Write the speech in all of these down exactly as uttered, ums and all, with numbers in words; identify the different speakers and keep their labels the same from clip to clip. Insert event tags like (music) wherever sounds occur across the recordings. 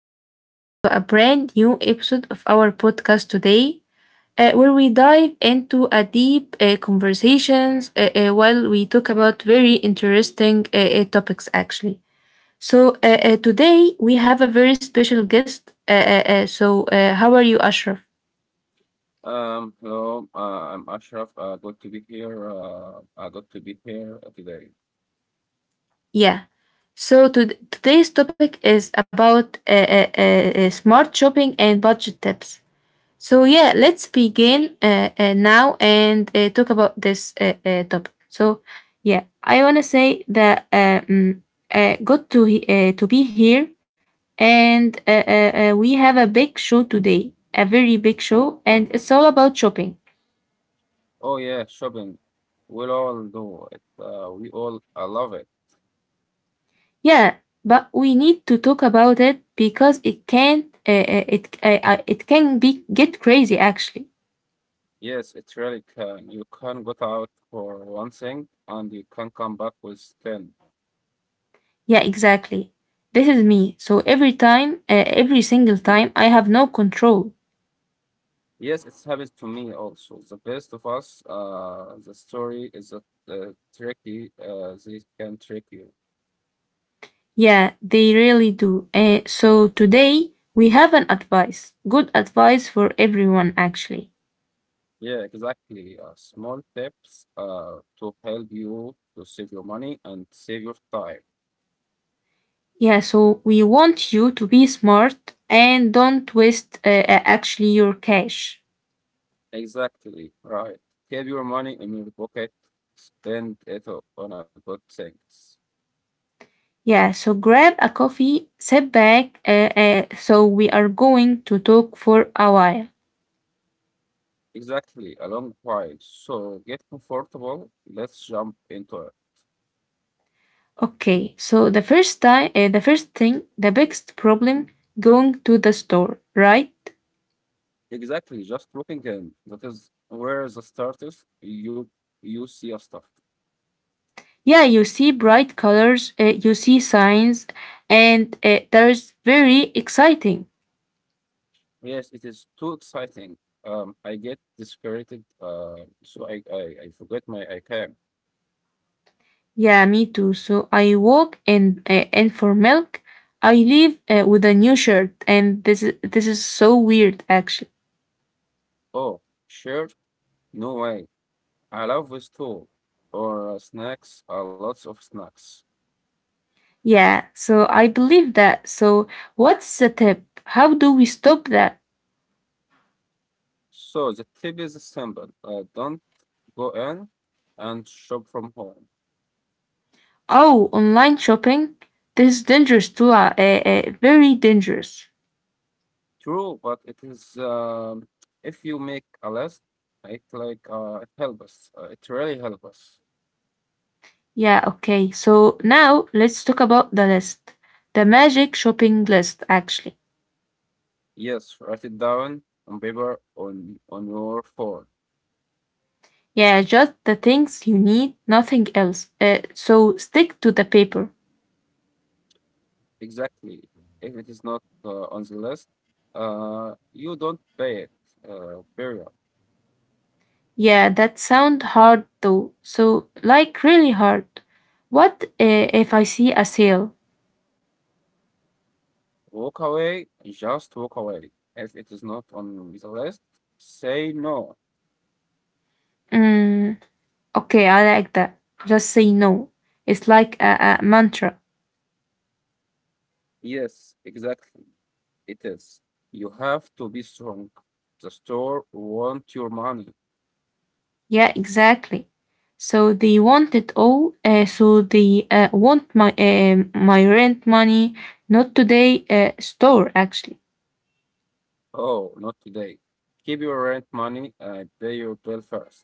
Speaker 1: welcome back to a brand new episode of our podcast today, uh, where we dive into a deep uh, conversations uh, uh, while we talk about very interesting uh, uh, topics, actually. So uh, uh, today we have a very special guest. Uh, uh, uh, so uh, how are you, Ashraf?
Speaker 2: Um, hello, uh, I'm Ashraf. Uh, good to be here. Uh, uh, good to be here today.
Speaker 1: Yeah. So to- today's topic is about uh, uh, uh, uh, smart shopping and budget tips. So yeah, let's begin uh, uh, now and uh, talk about this uh, uh, topic. So yeah, I wanna say that uh, mm, uh, good to he- uh, to be here, and uh, uh, uh, we have a big show today, a very big show, and it's all about shopping.
Speaker 2: Oh yeah, shopping. We'll all do it. Uh, we all uh, love it.
Speaker 1: Yeah, but we need to talk about it because it can uh, uh, it uh, uh, it can be get crazy actually.
Speaker 2: Yes, it really can. You can go out for one thing and you can come back with ten.
Speaker 1: Yeah, exactly. This is me. So every time, uh, every single time, I have no control.
Speaker 2: Yes, it's happened to me also. The best of us, uh, the story is that uh, tricky. Uh, they can trick you.
Speaker 1: Yeah, they really do. Uh, so today we have an advice, good advice for everyone actually.
Speaker 2: Yeah, exactly. Uh, small tips uh, to help you to save your money and save your time.
Speaker 1: Yeah, so we want you to be smart and don't waste uh, uh, actually your cash.
Speaker 2: Exactly, right. Keep your money in your pocket, spend it o- on a good things.
Speaker 1: Yeah, so grab a coffee, sit back. Uh, uh, so we are going to talk for a while.
Speaker 2: Exactly, a long while. So get comfortable. Let's jump into it.
Speaker 1: Okay, so the first time, uh, the first thing, the biggest problem going to the store, right?
Speaker 2: Exactly, just looking in. That is where the start is. You you see a stuff.
Speaker 1: Yeah, you see bright colors, uh, you see signs, and uh, there's very exciting.
Speaker 2: Yes, it is too exciting. Um, I get dispirited. Uh, so I I, I forget my I.
Speaker 1: Yeah, me too. So I walk in, uh, and for milk I leave, uh, with a new shirt, and this is this is so weird actually.
Speaker 2: Oh, sure. No way. I love this too. Or uh, snacks, uh, lots of snacks.
Speaker 1: Yeah, so I believe that. So what's the tip? How do we stop that?
Speaker 2: So the tip is simple. Uh, don't go in and shop from home.
Speaker 1: Oh, online shopping. This is dangerous too, uh, uh, uh, very dangerous.
Speaker 2: True, but it is um, if you make a list, it like uh, it help us. Uh, it really helps us.
Speaker 1: Yeah, okay. So now let's talk about the list. The magic shopping list, actually.
Speaker 2: Yes, write it down on paper on on your phone.
Speaker 1: Yeah, just the things you need, nothing else. Uh, so stick to the paper.
Speaker 2: Exactly. If it is not uh, on the list, uh, you don't pay it. Uh, period.
Speaker 1: Yeah, that sound hard though. So, like, really hard. What uh, if I see a sale?
Speaker 2: Walk away, just walk away. If it is not on the list, say no.
Speaker 1: Mm, okay, I like that. Just say no. It's like a, a mantra.
Speaker 2: Yes, exactly. It is. You have to be strong. The store want your money.
Speaker 1: Yeah, exactly. So they want it all. Uh, so they uh, want my um my rent money, not today. Uh, store actually.
Speaker 2: Oh, not today. Keep your rent money and pay your bill first.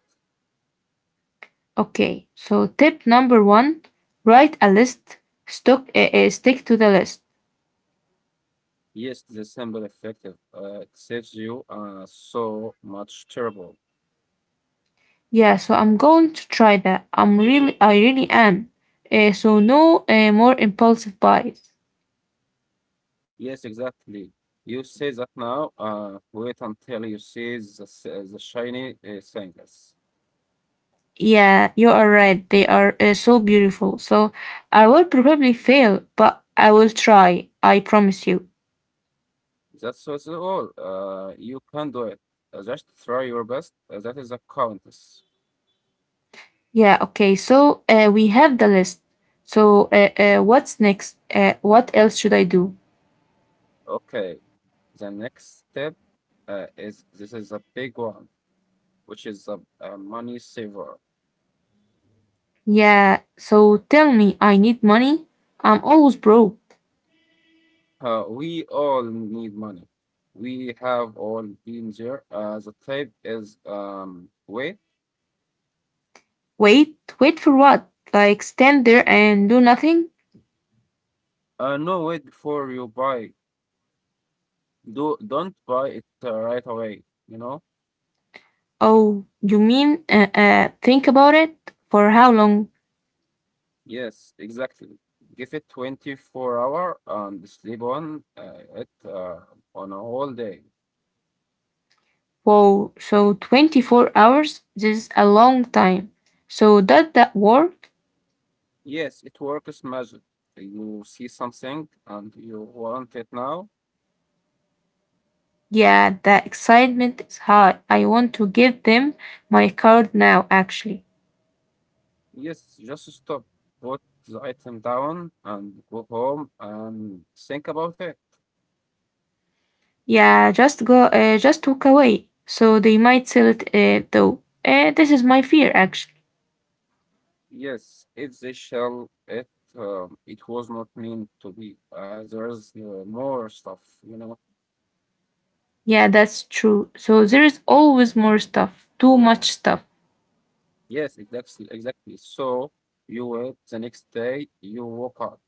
Speaker 1: Okay. So tip number one: write a list. Stock, uh, uh, stick to the list.
Speaker 2: Yes, the simple effective. Uh, it saves you uh, so much trouble.
Speaker 1: Yeah. So I'm going to try that. I'm really, I really am. Uh, so no uh, more impulsive buys.
Speaker 2: Yes, exactly. You say that now. Uh, wait until you see the, s- the shiny uh, things.
Speaker 1: Yeah, you are right. They are uh, so beautiful. So I will probably fail, but I will try. I promise you.
Speaker 2: That's all. all. Uh, you can do it. Uh, Just try your best. Uh, that is a countess.
Speaker 1: Yeah, okay. So uh, we have the list. So uh, uh, what's next? Uh, what else should I do?
Speaker 2: Okay. The next step uh, is this is a big one, which is a, a money saver.
Speaker 1: Yeah, so tell me, I need money. I'm always broke.
Speaker 2: Uh, we all need money. We have all been there. Uh, the type is um wait.
Speaker 1: Wait, wait for what? Like stand there and do nothing?
Speaker 2: Uh, no, wait before you buy. Do Don't buy it uh, right away. You know.
Speaker 1: Oh, you mean, uh, uh, think about it? For how long?
Speaker 2: Yes, exactly. Give it twenty-four hour and sleep on uh, it uh, on a whole day.
Speaker 1: Whoa, so twenty-four hours? This is a long time. So does that work?
Speaker 2: Yes, it works magic. You see something and you want it now.
Speaker 1: Yeah, the excitement is high. I want to give them my card now, actually.
Speaker 2: Yes, just stop, put the item down and go home and think about it.
Speaker 1: Yeah, just go, uh, just walk away. So they might sell it, uh, though. Uh, this is my fear, actually.
Speaker 2: Yes, if they shall it, um, it was not meant to be. Uh, there's uh, more stuff, you know.
Speaker 1: Yeah, that's true. So there is always more stuff, too much stuff.
Speaker 2: Yes, exactly, exactly. So you wait the next day, you woke up.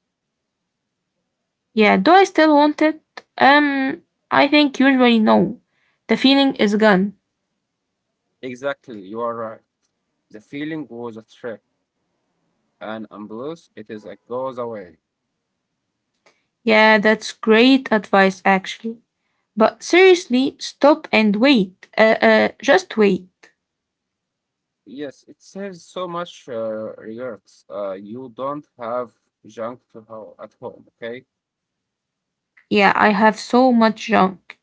Speaker 1: Yeah, do I still want it? Um, I think usually no. The feeling is gone.
Speaker 2: Exactly, you are right. The feeling was a trick, and unless it is it goes away.
Speaker 1: Yeah, that's great advice, actually. But seriously, stop and wait. Uh, uh, just wait.
Speaker 2: Yes, it saves so much uh, regrets. Uh, you don't have junk to ho at home, okay?
Speaker 1: Yeah, I have so much junk.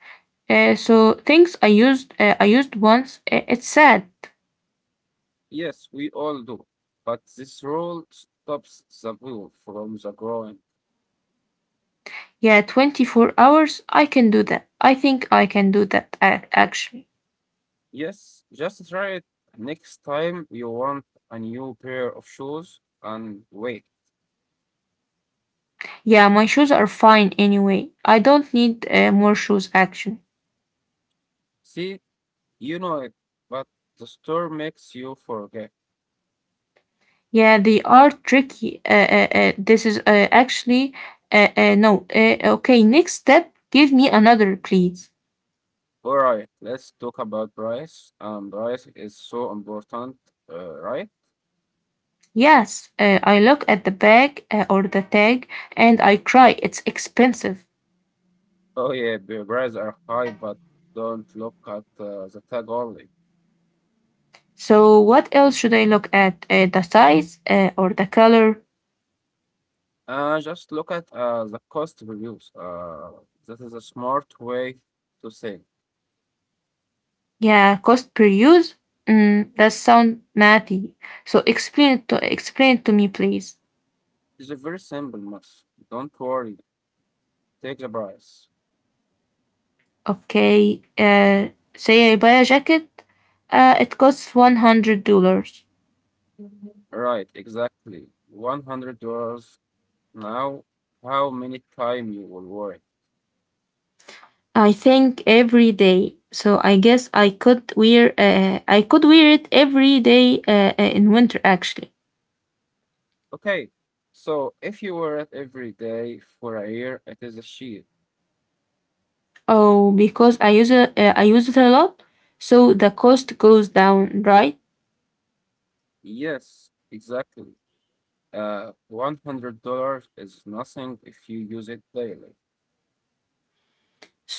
Speaker 1: Uh, so things I used, uh, I used once. Uh, it's sad.
Speaker 2: Yes, we all do. But this rule stops the will from the growing.
Speaker 1: Yeah, twenty-four hours. I can do that. I think I can do that ac- actually.
Speaker 2: Yes, just try it next time you want a new pair of shoes and wait.
Speaker 1: Yeah, my shoes are fine anyway. I don't need uh, more shoes actually.
Speaker 2: See, you know it, but the store makes you forget.
Speaker 1: Yeah, they are tricky. Uh, uh, uh, this is, uh, actually, uh, uh, no. Uh, okay, next step. Give me another, please.
Speaker 2: All right, let's talk about price. Um, price is so important, uh, right?
Speaker 1: Yes, uh, I look at the bag, uh, or the tag, and I cry. It's expensive.
Speaker 2: Oh yeah, the prices are high, but don't look at uh, the tag only.
Speaker 1: So what else should I look at? Uh, the size, uh, or the color?
Speaker 2: Uh, just look at uh, the cost reviews. Uh, that is a smart way to say.
Speaker 1: Yeah, cost per use? Mm, that sound mathy. So explain it to explain it to me, please.
Speaker 2: It's a very simple math. Don't worry, take the price.
Speaker 1: Okay. Uh, say I buy a jacket. Uh, it costs one hundred dollars.
Speaker 2: Right, exactly. one hundred dollars now. How many time you will work?
Speaker 1: I think every day. So I guess I could wear uh, I could wear it every day, uh, uh, in winter actually.
Speaker 2: Okay, so if you wear it every day for a year, it is a sheet.
Speaker 1: Oh, because I use it uh, I use it a lot, so the cost goes down, right?
Speaker 2: Yes, exactly. Uh, one hundred dollars is nothing if you use it daily.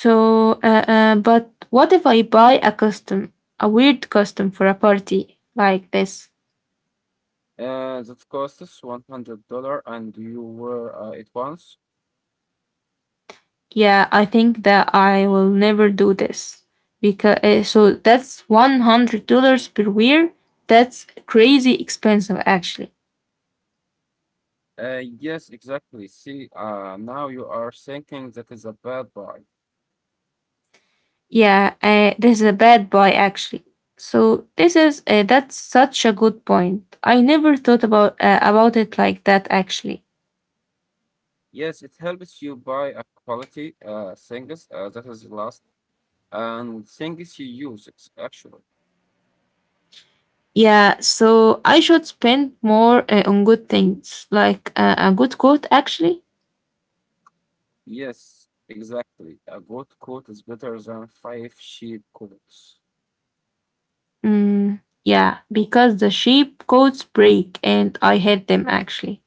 Speaker 1: So, uh, uh, but what if I buy a costume, a weird costume for a party like this?
Speaker 2: Uh, that costs one hundred dollars and you wear uh, it once.
Speaker 1: Yeah, I think that I will never do this because, uh, so that's one hundred dollars per wear. That's crazy expensive, actually.
Speaker 2: Uh, yes, exactly. See, uh, now you are thinking that is a bad buy.
Speaker 1: Yeah, uh, this is a bad buy, actually. So this is uh, That's such a good point. I never thought about uh, about it like that, actually.
Speaker 2: Yes, it helps you buy a quality uh, things uh, that is last and things you use, it's actually.
Speaker 1: Yeah, so I should spend more uh, on good things, like uh, a good coat, actually.
Speaker 2: Yes, exactly. A good coat is better than five cheap coats.
Speaker 1: Mm, yeah, because the sheep coats break and I hate them, actually.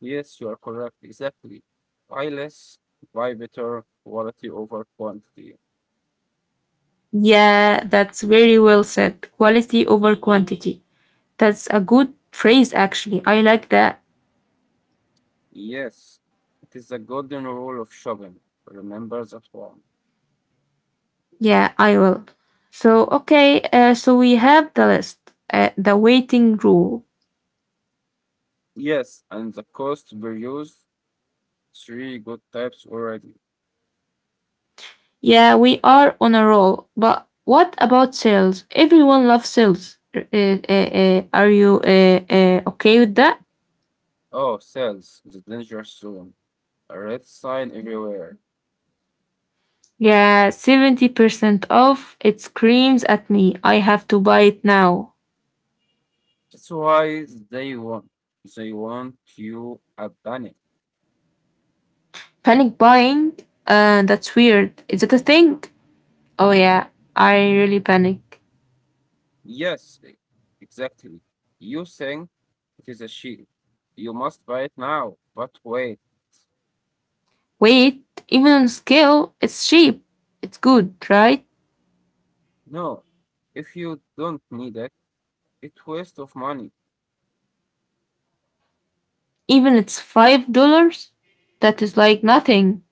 Speaker 2: Yes, you are correct. Exactly. Buy less, buy better, quality over quantity.
Speaker 1: Yeah, that's very well said. Quality over quantity. That's a good phrase, actually. I like that.
Speaker 2: Yes, it is the golden rule of shopping. Remember that one.
Speaker 1: Yeah, I will. So, okay, uh, so we have the list, uh, the waiting rule.
Speaker 2: Yes, and the cost per use, three good types already.
Speaker 1: Yeah, we are on a roll. But what about sales? Everyone loves sales. Uh, uh, uh, are you uh, uh, okay with that?
Speaker 2: Oh, sales, the danger zone. A red sign everywhere.
Speaker 1: Yeah, seventy percent off. It screams at me. I have to buy it now.
Speaker 2: That's why they want. They want you a panic.
Speaker 1: Panic buying? Uh, that's weird. Is it a thing? Oh, yeah. I really panic.
Speaker 2: Yes, e- exactly. You think it is a sheep. You must buy it now. But wait,
Speaker 1: Wait, even on scale, it's cheap. It's good, right?
Speaker 2: no. If you don't need it, it's waste of money.
Speaker 1: Even it's five dollars? That is like nothing.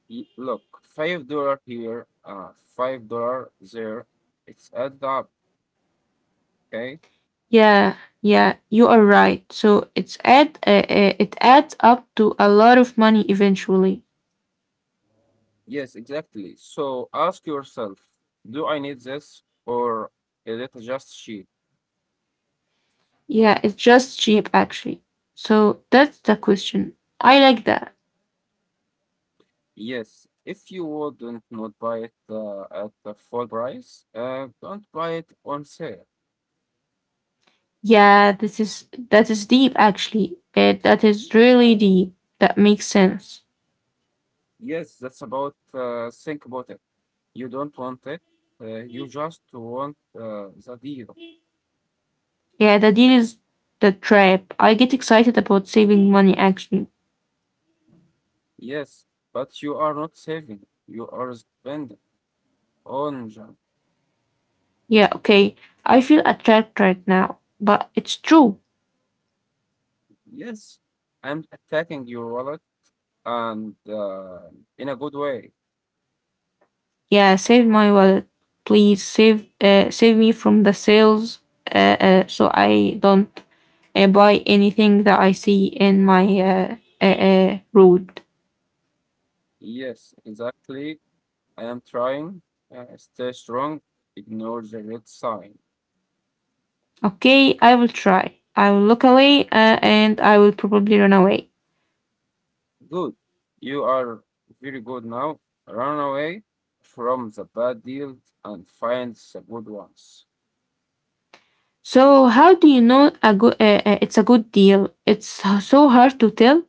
Speaker 2: Y- Look, five dollar here, uh, five dollar there. It's add up. Okay.
Speaker 1: Yeah, yeah, you are right. So it's add uh, uh, it adds up to a lot of money eventually.
Speaker 2: Yes, exactly. So ask yourself, do I need this or is it just sheep?
Speaker 1: Yeah, it's just cheap actually. So that's the question. I like that.
Speaker 2: Yes. If you wouldn't not buy it uh, at the full price, uh, don't buy it on sale.
Speaker 1: Yeah, this is that is deep actually. Uh, that is really deep. That makes sense.
Speaker 2: Yes, that's about uh, think about it. You don't want it. Uh, you just want uh, the deal.
Speaker 1: Yeah, the deal is the trap. I get excited about saving money actually.
Speaker 2: Yes, but you are not saving. You are spending on junk.
Speaker 1: Yeah, okay. I feel a trap right now, but it's true.
Speaker 2: Yes, I'm attacking your wallet and uh, in a good way.
Speaker 1: Yeah, save my wallet, please. Save, uh, save me from the sales, uh, uh, so I don't uh, buy anything that I see in my uh, uh, uh, road.
Speaker 2: Yes, exactly. I am trying. Uh, stay strong. Ignore the red sign.
Speaker 1: Okay, I will try. I will look away, uh, and I will probably run away.
Speaker 2: Good. You are very good now. Run away from the bad deals and find the good ones.
Speaker 1: So, how do you know a good? Uh, uh, it's a good deal. It's so so hard to tell.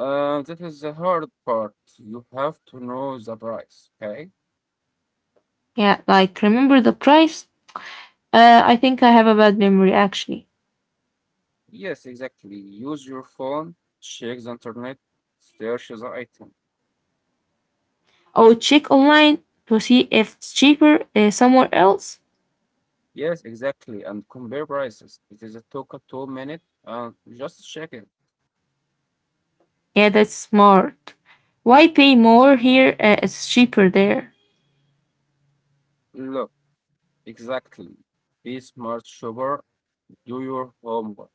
Speaker 2: Uh, that is the hard part. You have to know the price, okay?
Speaker 1: Yeah, like remember the price. Uh, I think I have a bad memory actually.
Speaker 2: Yes, exactly. Use your phone, check the internet, search the item.
Speaker 1: I would check online to see if it's cheaper, uh, somewhere else.
Speaker 2: Yes, exactly. And compare prices. It is a took a two minute and just check it.
Speaker 1: Yeah, that's smart. Why pay more here? Uh, it's cheaper there.
Speaker 2: Look, exactly. Be smart shopper. Do your homework.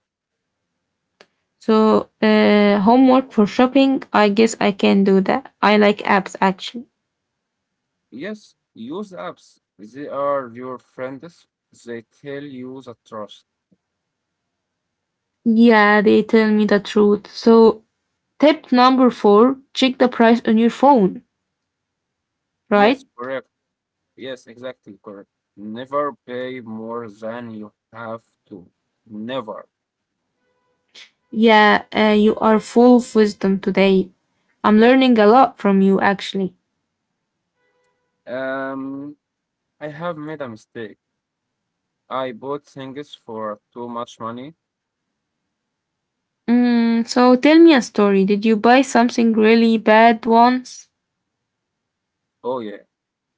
Speaker 1: So, uh, homework for shopping. I guess I can do that. I like apps actually.
Speaker 2: Yes, use apps. They are your friends. They tell you the trust.
Speaker 1: Yeah, they tell me the truth. So, tip number four, check the price on your phone, right?
Speaker 2: Yes, correct. Yes, exactly correct. Never pay more than you have to. Never.
Speaker 1: Yeah, uh, you are full of wisdom today. I'm learning a lot from you actually.
Speaker 2: Um, I have made a mistake. I bought things for too much money.
Speaker 1: Mm, so, tell me a story. Did you buy something really bad once?
Speaker 2: Oh yeah,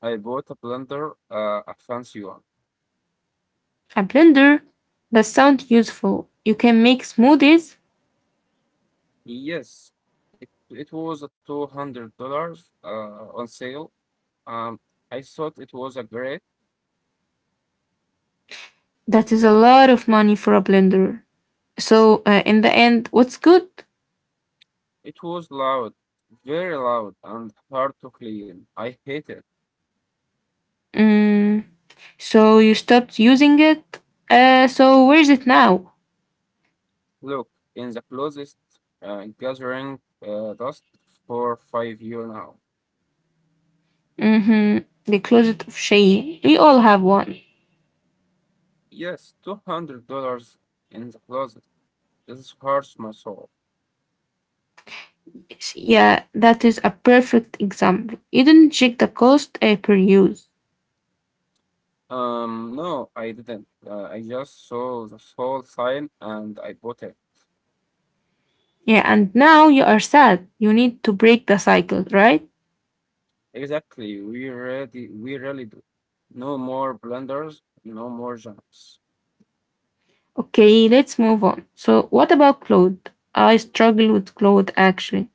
Speaker 2: I bought a blender, uh, a fancy one.
Speaker 1: A blender? That sounds useful. You can make smoothies?
Speaker 2: Yes, it it was a two hundred dollars uh on sale. Um, I thought it was a great.
Speaker 1: That is a lot of money for a blender. So, uh, in the end, what's good?
Speaker 2: It was loud, very loud, and hard to clean. I hate it.
Speaker 1: Mm, so, you stopped using it? Uh, so, where is it now?
Speaker 2: Look, in the closest uh, gathering uh, dust for five years now.
Speaker 1: Hmm. The closet of Shay. We all have one.
Speaker 2: Yes, two hundred dollars in the closet. This hurts my soul.
Speaker 1: Yeah, that is a perfect example. You didn't check the cost uh, per use.
Speaker 2: Um, no, I didn't. Uh, I just saw the soul sign and I bought it.
Speaker 1: Yeah, and now you are sad. You need to break the cycle, right?
Speaker 2: Exactly, we really, we really do. No more blunders, no more jumps.
Speaker 1: Okay, let's move on. So, what about clothes? I struggle with clothes actually.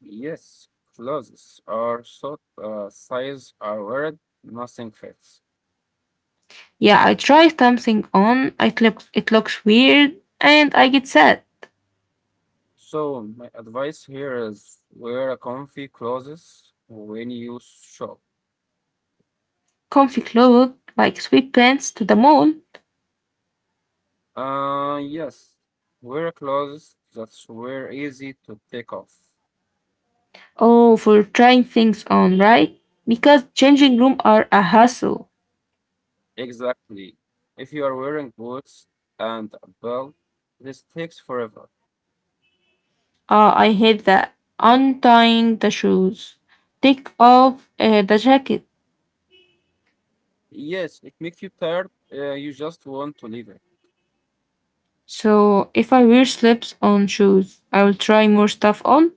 Speaker 2: Yes, clothes are sought, uh, size are weird, nothing fits.
Speaker 1: Yeah, I try something on, it looks it looks weird, and I get sad.
Speaker 2: So my advice here is wear a comfy clothes when you shop.
Speaker 1: Comfy clothes like sweatpants to the mall.
Speaker 2: Uh, yes, wear clothes that were easy to take off.
Speaker 1: Oh, for trying things on, right? Because changing room are a hassle.
Speaker 2: Exactly. If you are wearing boots and a belt, this takes forever.
Speaker 1: Ah, I hate that. Untying the shoes, take off uh, the jacket.
Speaker 2: Yes, it makes you tired. Uh, you just want to leave it.
Speaker 1: So if I wear slips on shoes, I will try more stuff on.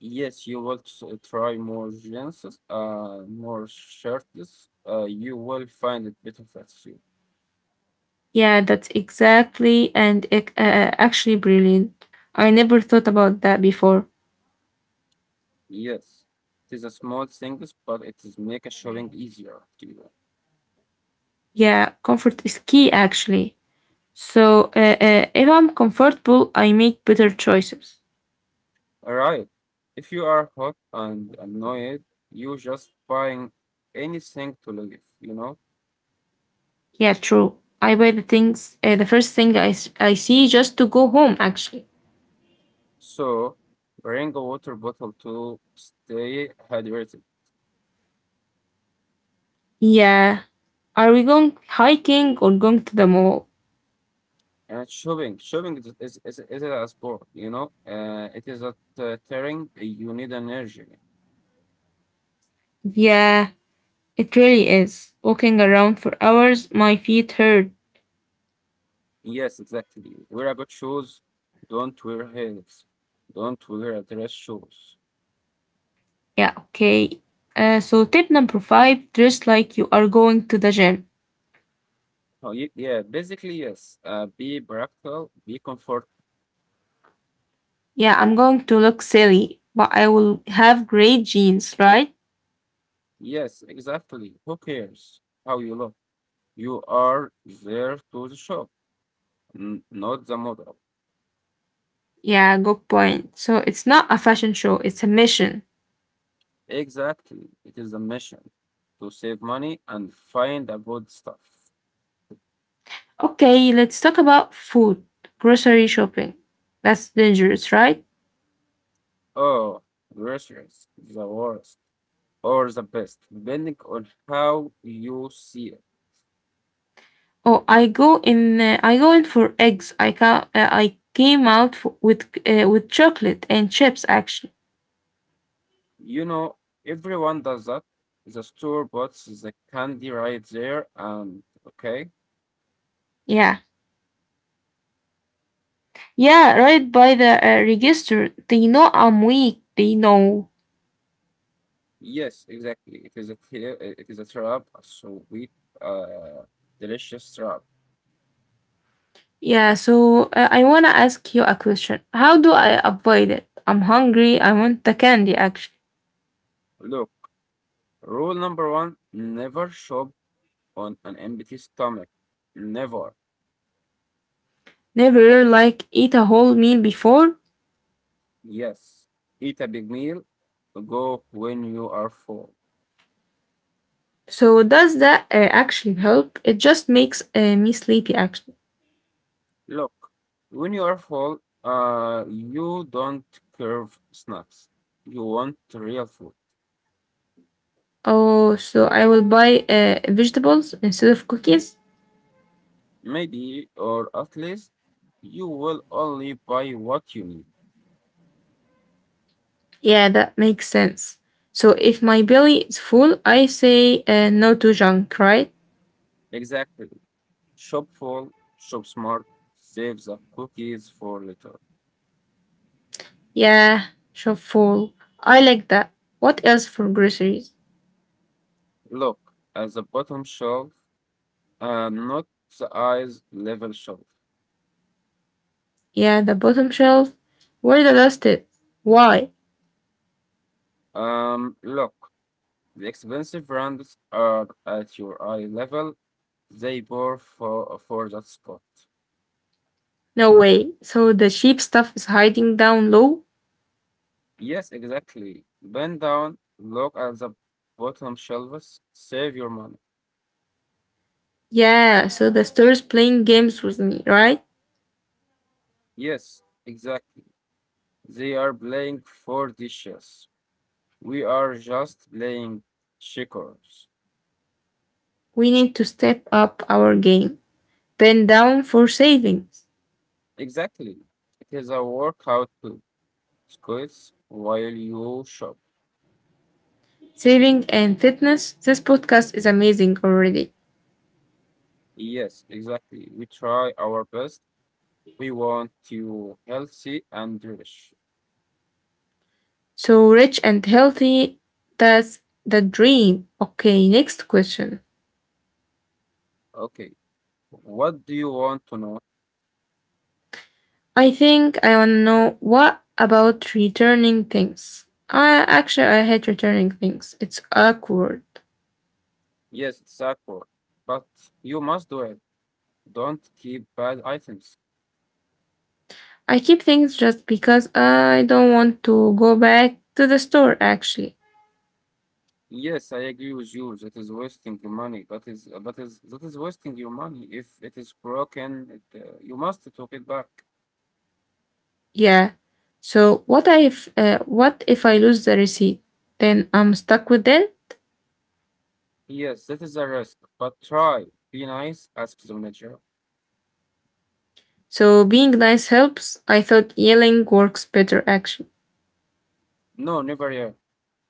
Speaker 2: Yes, you will t- try more jeans, uh, more shirts. Uh, you will find it better fits you.
Speaker 1: Yeah, that's exactly and ec- uh, uh, actually brilliant. I never thought about that before.
Speaker 2: Yes, it is a small things, but it is make a shopping easier to you.
Speaker 1: Yeah, comfort is key actually. So uh, uh, if I'm comfortable, I make better choices.
Speaker 2: All right. If you are hot and annoyed, you just buying anything to live, you know.
Speaker 1: Yeah, true. I buy the things, uh, The first thing I, s- I see just to go home actually.
Speaker 2: So bring a water bottle to stay hydrated.
Speaker 1: Yeah. Are we going hiking or going to the mall?
Speaker 2: And shopping, shopping is is is, is a sport, you know. Uh, it is a t- tiring. You need energy.
Speaker 1: Yeah, it really is. Walking around for hours, my feet hurt.
Speaker 2: Yes, exactly. Wear a good shoes. Don't wear heels. Don't wear a dress shoes.
Speaker 1: Yeah, okay. Uh, so tip number five, dress like you are going to the gym.
Speaker 2: Oh, ye- yeah, basically, yes. Uh, be practical, be comfort.
Speaker 1: Yeah, I'm going to look silly, but I will have great jeans, right?
Speaker 2: Yes, exactly. Who cares how you look? You are there to the shop, n- not the model.
Speaker 1: Yeah, good point. So it's not a fashion show, it's a mission.
Speaker 2: Exactly. It is a mission to save money and find a good stuff.
Speaker 1: Okay, let's talk about food, grocery shopping. That's dangerous, right?
Speaker 2: Oh, groceries, the worst or the best, depending on how you see it.
Speaker 1: Oh, I go in. Uh, I go in for eggs. I ca- uh, I came out for, with uh, with chocolate and chips. Actually,
Speaker 2: You know, everyone does that. The store puts the candy right there, and okay,
Speaker 1: yeah, yeah, right by the uh, register. They know I'm weak. They know.
Speaker 2: yes, exactly. It is a tra- it is a trap, a sweet, uh, delicious trap.
Speaker 1: Yeah, so uh, I want to ask you a question. How do I avoid it? I'm hungry. I want the candy actually.
Speaker 2: Look, rule number one: never shop on an empty stomach. Never.
Speaker 1: Never really like eat a whole meal before.
Speaker 2: Yes, eat a big meal. Go when you are full.
Speaker 1: So does that uh, actually help? It just makes uh, me sleepy actually.
Speaker 2: Look, when you are full, uh, you don't crave snacks. You want real food.
Speaker 1: Oh, so I will buy uh, vegetables instead of cookies?
Speaker 2: Maybe, or at least you will only buy what you need.
Speaker 1: Yeah, that makes sense. So if my belly is full, I say uh, no to junk, right?
Speaker 2: Exactly. Shop full, shop smart, save the cookies for later.
Speaker 1: Yeah, shop full. I like that. What else for groceries?
Speaker 2: Look at the bottom shelf and not the eyes level shelf.
Speaker 1: Yeah, the bottom shelf. Where the dust is? Why?
Speaker 2: Um, look, the expensive brands are at your eye level. They bore for for that spot.
Speaker 1: No way. So the cheap stuff is hiding down low?
Speaker 2: Yes, exactly. Bend down, look at the bottom shelves, save your money.
Speaker 1: Yeah, so the store is playing games with me, right?
Speaker 2: Yes, exactly. They are playing for dishes. We are just playing checkers.
Speaker 1: We need to step up our game. Pen down for savings.
Speaker 2: Exactly. It is a workout too. Squats while you shop.
Speaker 1: Saving and fitness. This podcast is amazing already.
Speaker 2: Yes, exactly. We try our best. We want you healthy and rich.
Speaker 1: So rich and healthy. That's the dream. Okay, next question.
Speaker 2: Okay. What do you want to know?
Speaker 1: I think I want to know what about returning things? I actually I hate returning things. It's awkward.
Speaker 2: Yes, it's awkward, but you must do it. Don't keep bad items.
Speaker 1: I keep things just because I don't want to go back to the store actually.
Speaker 2: Yes, I agree with you. That is wasting your money. That is that is that is wasting your money. If it is broken, it, uh, you must take it back.
Speaker 1: Yeah. So what if uh, what if I lose the receipt? Then I'm stuck with it.
Speaker 2: Yes, that is a risk. But try. Be nice. Ask the manager.
Speaker 1: So being nice helps. I thought yelling works better actually.
Speaker 2: No, never yeah.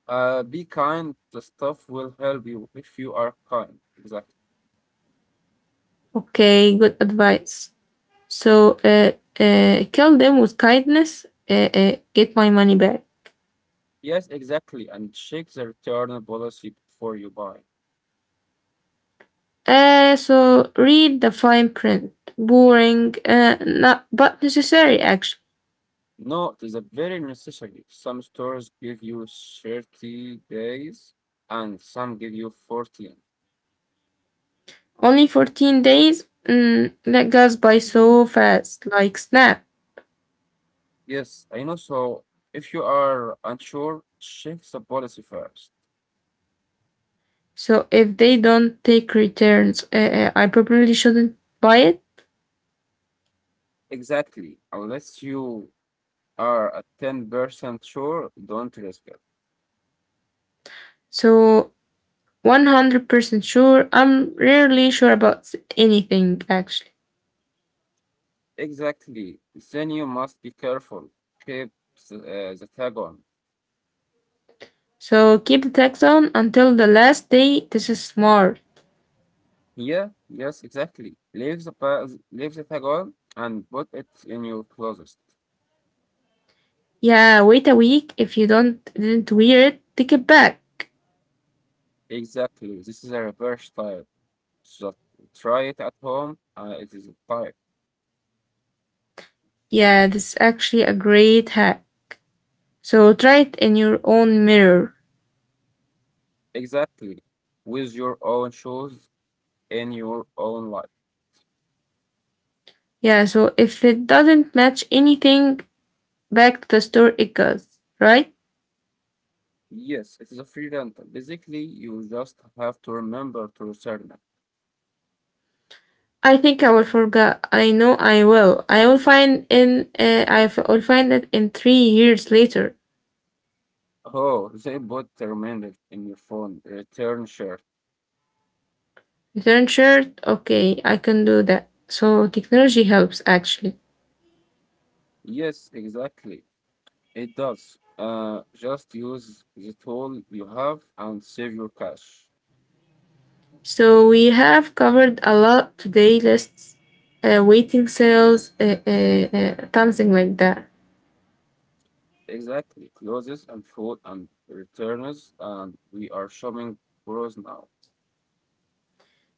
Speaker 2: Uh, be kind. The stuff will help you if you are kind. Exactly.
Speaker 1: Okay, good advice. So uh, uh, kill them with kindness. Uh, uh, get my money back.
Speaker 2: Yes, exactly. And check the return policy before you buy.
Speaker 1: Uh, so read the fine print. Boring, uh, not, but necessary actually.
Speaker 2: No, it is a very necessary. Some stores give you thirty days, and some give you fourteen.
Speaker 1: Only fourteen days? Mm, that goes by so fast, like snap.
Speaker 2: Yes, I know. So if you are unsure, check the policy first.
Speaker 1: So if they don't take returns, uh, uh, I probably shouldn't buy it.
Speaker 2: Exactly. Unless you are at ten percent sure, don't risk it.
Speaker 1: So one hundred percent sure, I'm
Speaker 2: Yes.
Speaker 1: rarely sure about anything actually.
Speaker 2: Exactly. Then you must be careful. Keep the, uh, the tag on.
Speaker 1: So keep the tax on until the last day. This is smart.
Speaker 2: Yeah, yes, exactly. Leave the pa- leave the tag on and put it in your closet.
Speaker 1: Yeah, wait a week. If you don't didn't wear it, take it back.
Speaker 2: Exactly. This is a reverse type. So try it at home. Uh, it is a type.
Speaker 1: Yeah, that's actually a great hack. So try it in your own mirror.
Speaker 2: Exactly. With your own shoes in your own life.
Speaker 1: Yeah, so if it doesn't match anything, back to the store it goes, right?
Speaker 2: Yes, it is a free rental. Basically, you just have to remember to return it.
Speaker 1: I think I will forget. I know I will. I will find in. Uh, I f- will find it in three years later.
Speaker 2: Oh, they put remainder in your phone return shirt.
Speaker 1: Return shirt. Okay, I can do that. So technology helps actually.
Speaker 2: Yes, exactly. It does. Uh, just use the tool you have and save your cash.
Speaker 1: So we have covered a lot today. Lists, uh, waiting sales, uh, uh, uh, something like that.
Speaker 2: Exactly. Clothes and food and returns, and we are shopping pros now.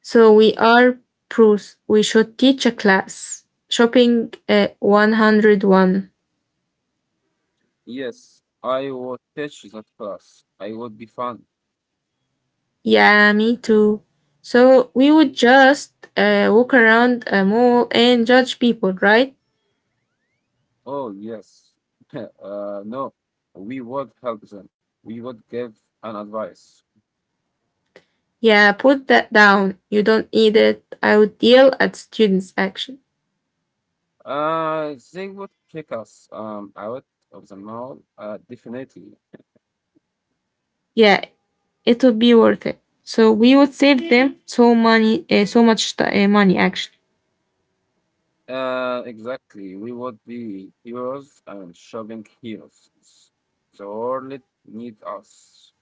Speaker 1: So we are pros. We should teach a class. Shopping uh, one hundred one.
Speaker 2: Yes, I would teach that class. I would be fun.
Speaker 1: Yeah, me too. So we would just uh, walk around a mall and judge people, right?
Speaker 2: Oh, yes. (laughs) Uh, no, we would help them. We would give an advice.
Speaker 1: Yeah, put that down. You don't need it. I would yell at students' action.
Speaker 2: Uh, they would kick us um, out of the mall, uh, definitely.
Speaker 1: Yeah, it would be worth it. So we would save them so money, uh, so much t- uh, money actually.
Speaker 2: Uh, exactly. We would be heroes and shopping heroes. The world needs us.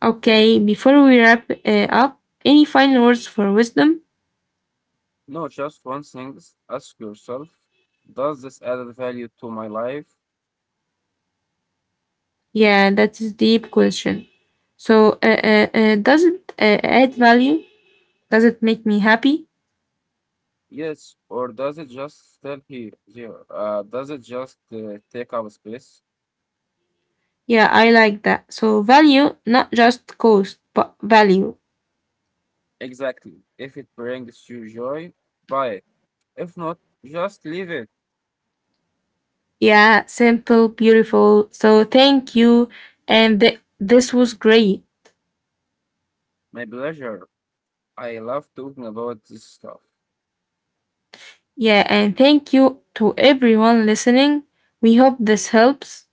Speaker 1: Okay, before we wrap uh, up, any final words for wisdom?
Speaker 2: No, just one thing. Ask yourself, does this add value to my life?
Speaker 1: Yeah, that's a deep question. So, uh, uh, uh, does it uh, add value? Does it make me happy?
Speaker 2: Yes, or does it just stay here? There? Uh, does it just uh, take up space?
Speaker 1: Yeah, I like that. So, value, not just cost, but value.
Speaker 2: Exactly. If it brings you joy, buy it. If not, just leave it.
Speaker 1: Yeah, simple, beautiful. So, thank you. And th- this was great.
Speaker 2: My pleasure. I love talking about this stuff.
Speaker 1: Yeah, and thank you to everyone listening. We hope this helps.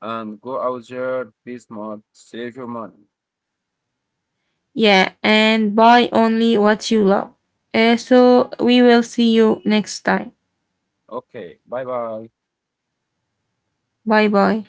Speaker 2: And go out there, be smart, save your money.
Speaker 1: Yeah, and buy only what you love. Uh, so, we will see you next time.
Speaker 2: Okay, bye bye.
Speaker 1: Bye bye.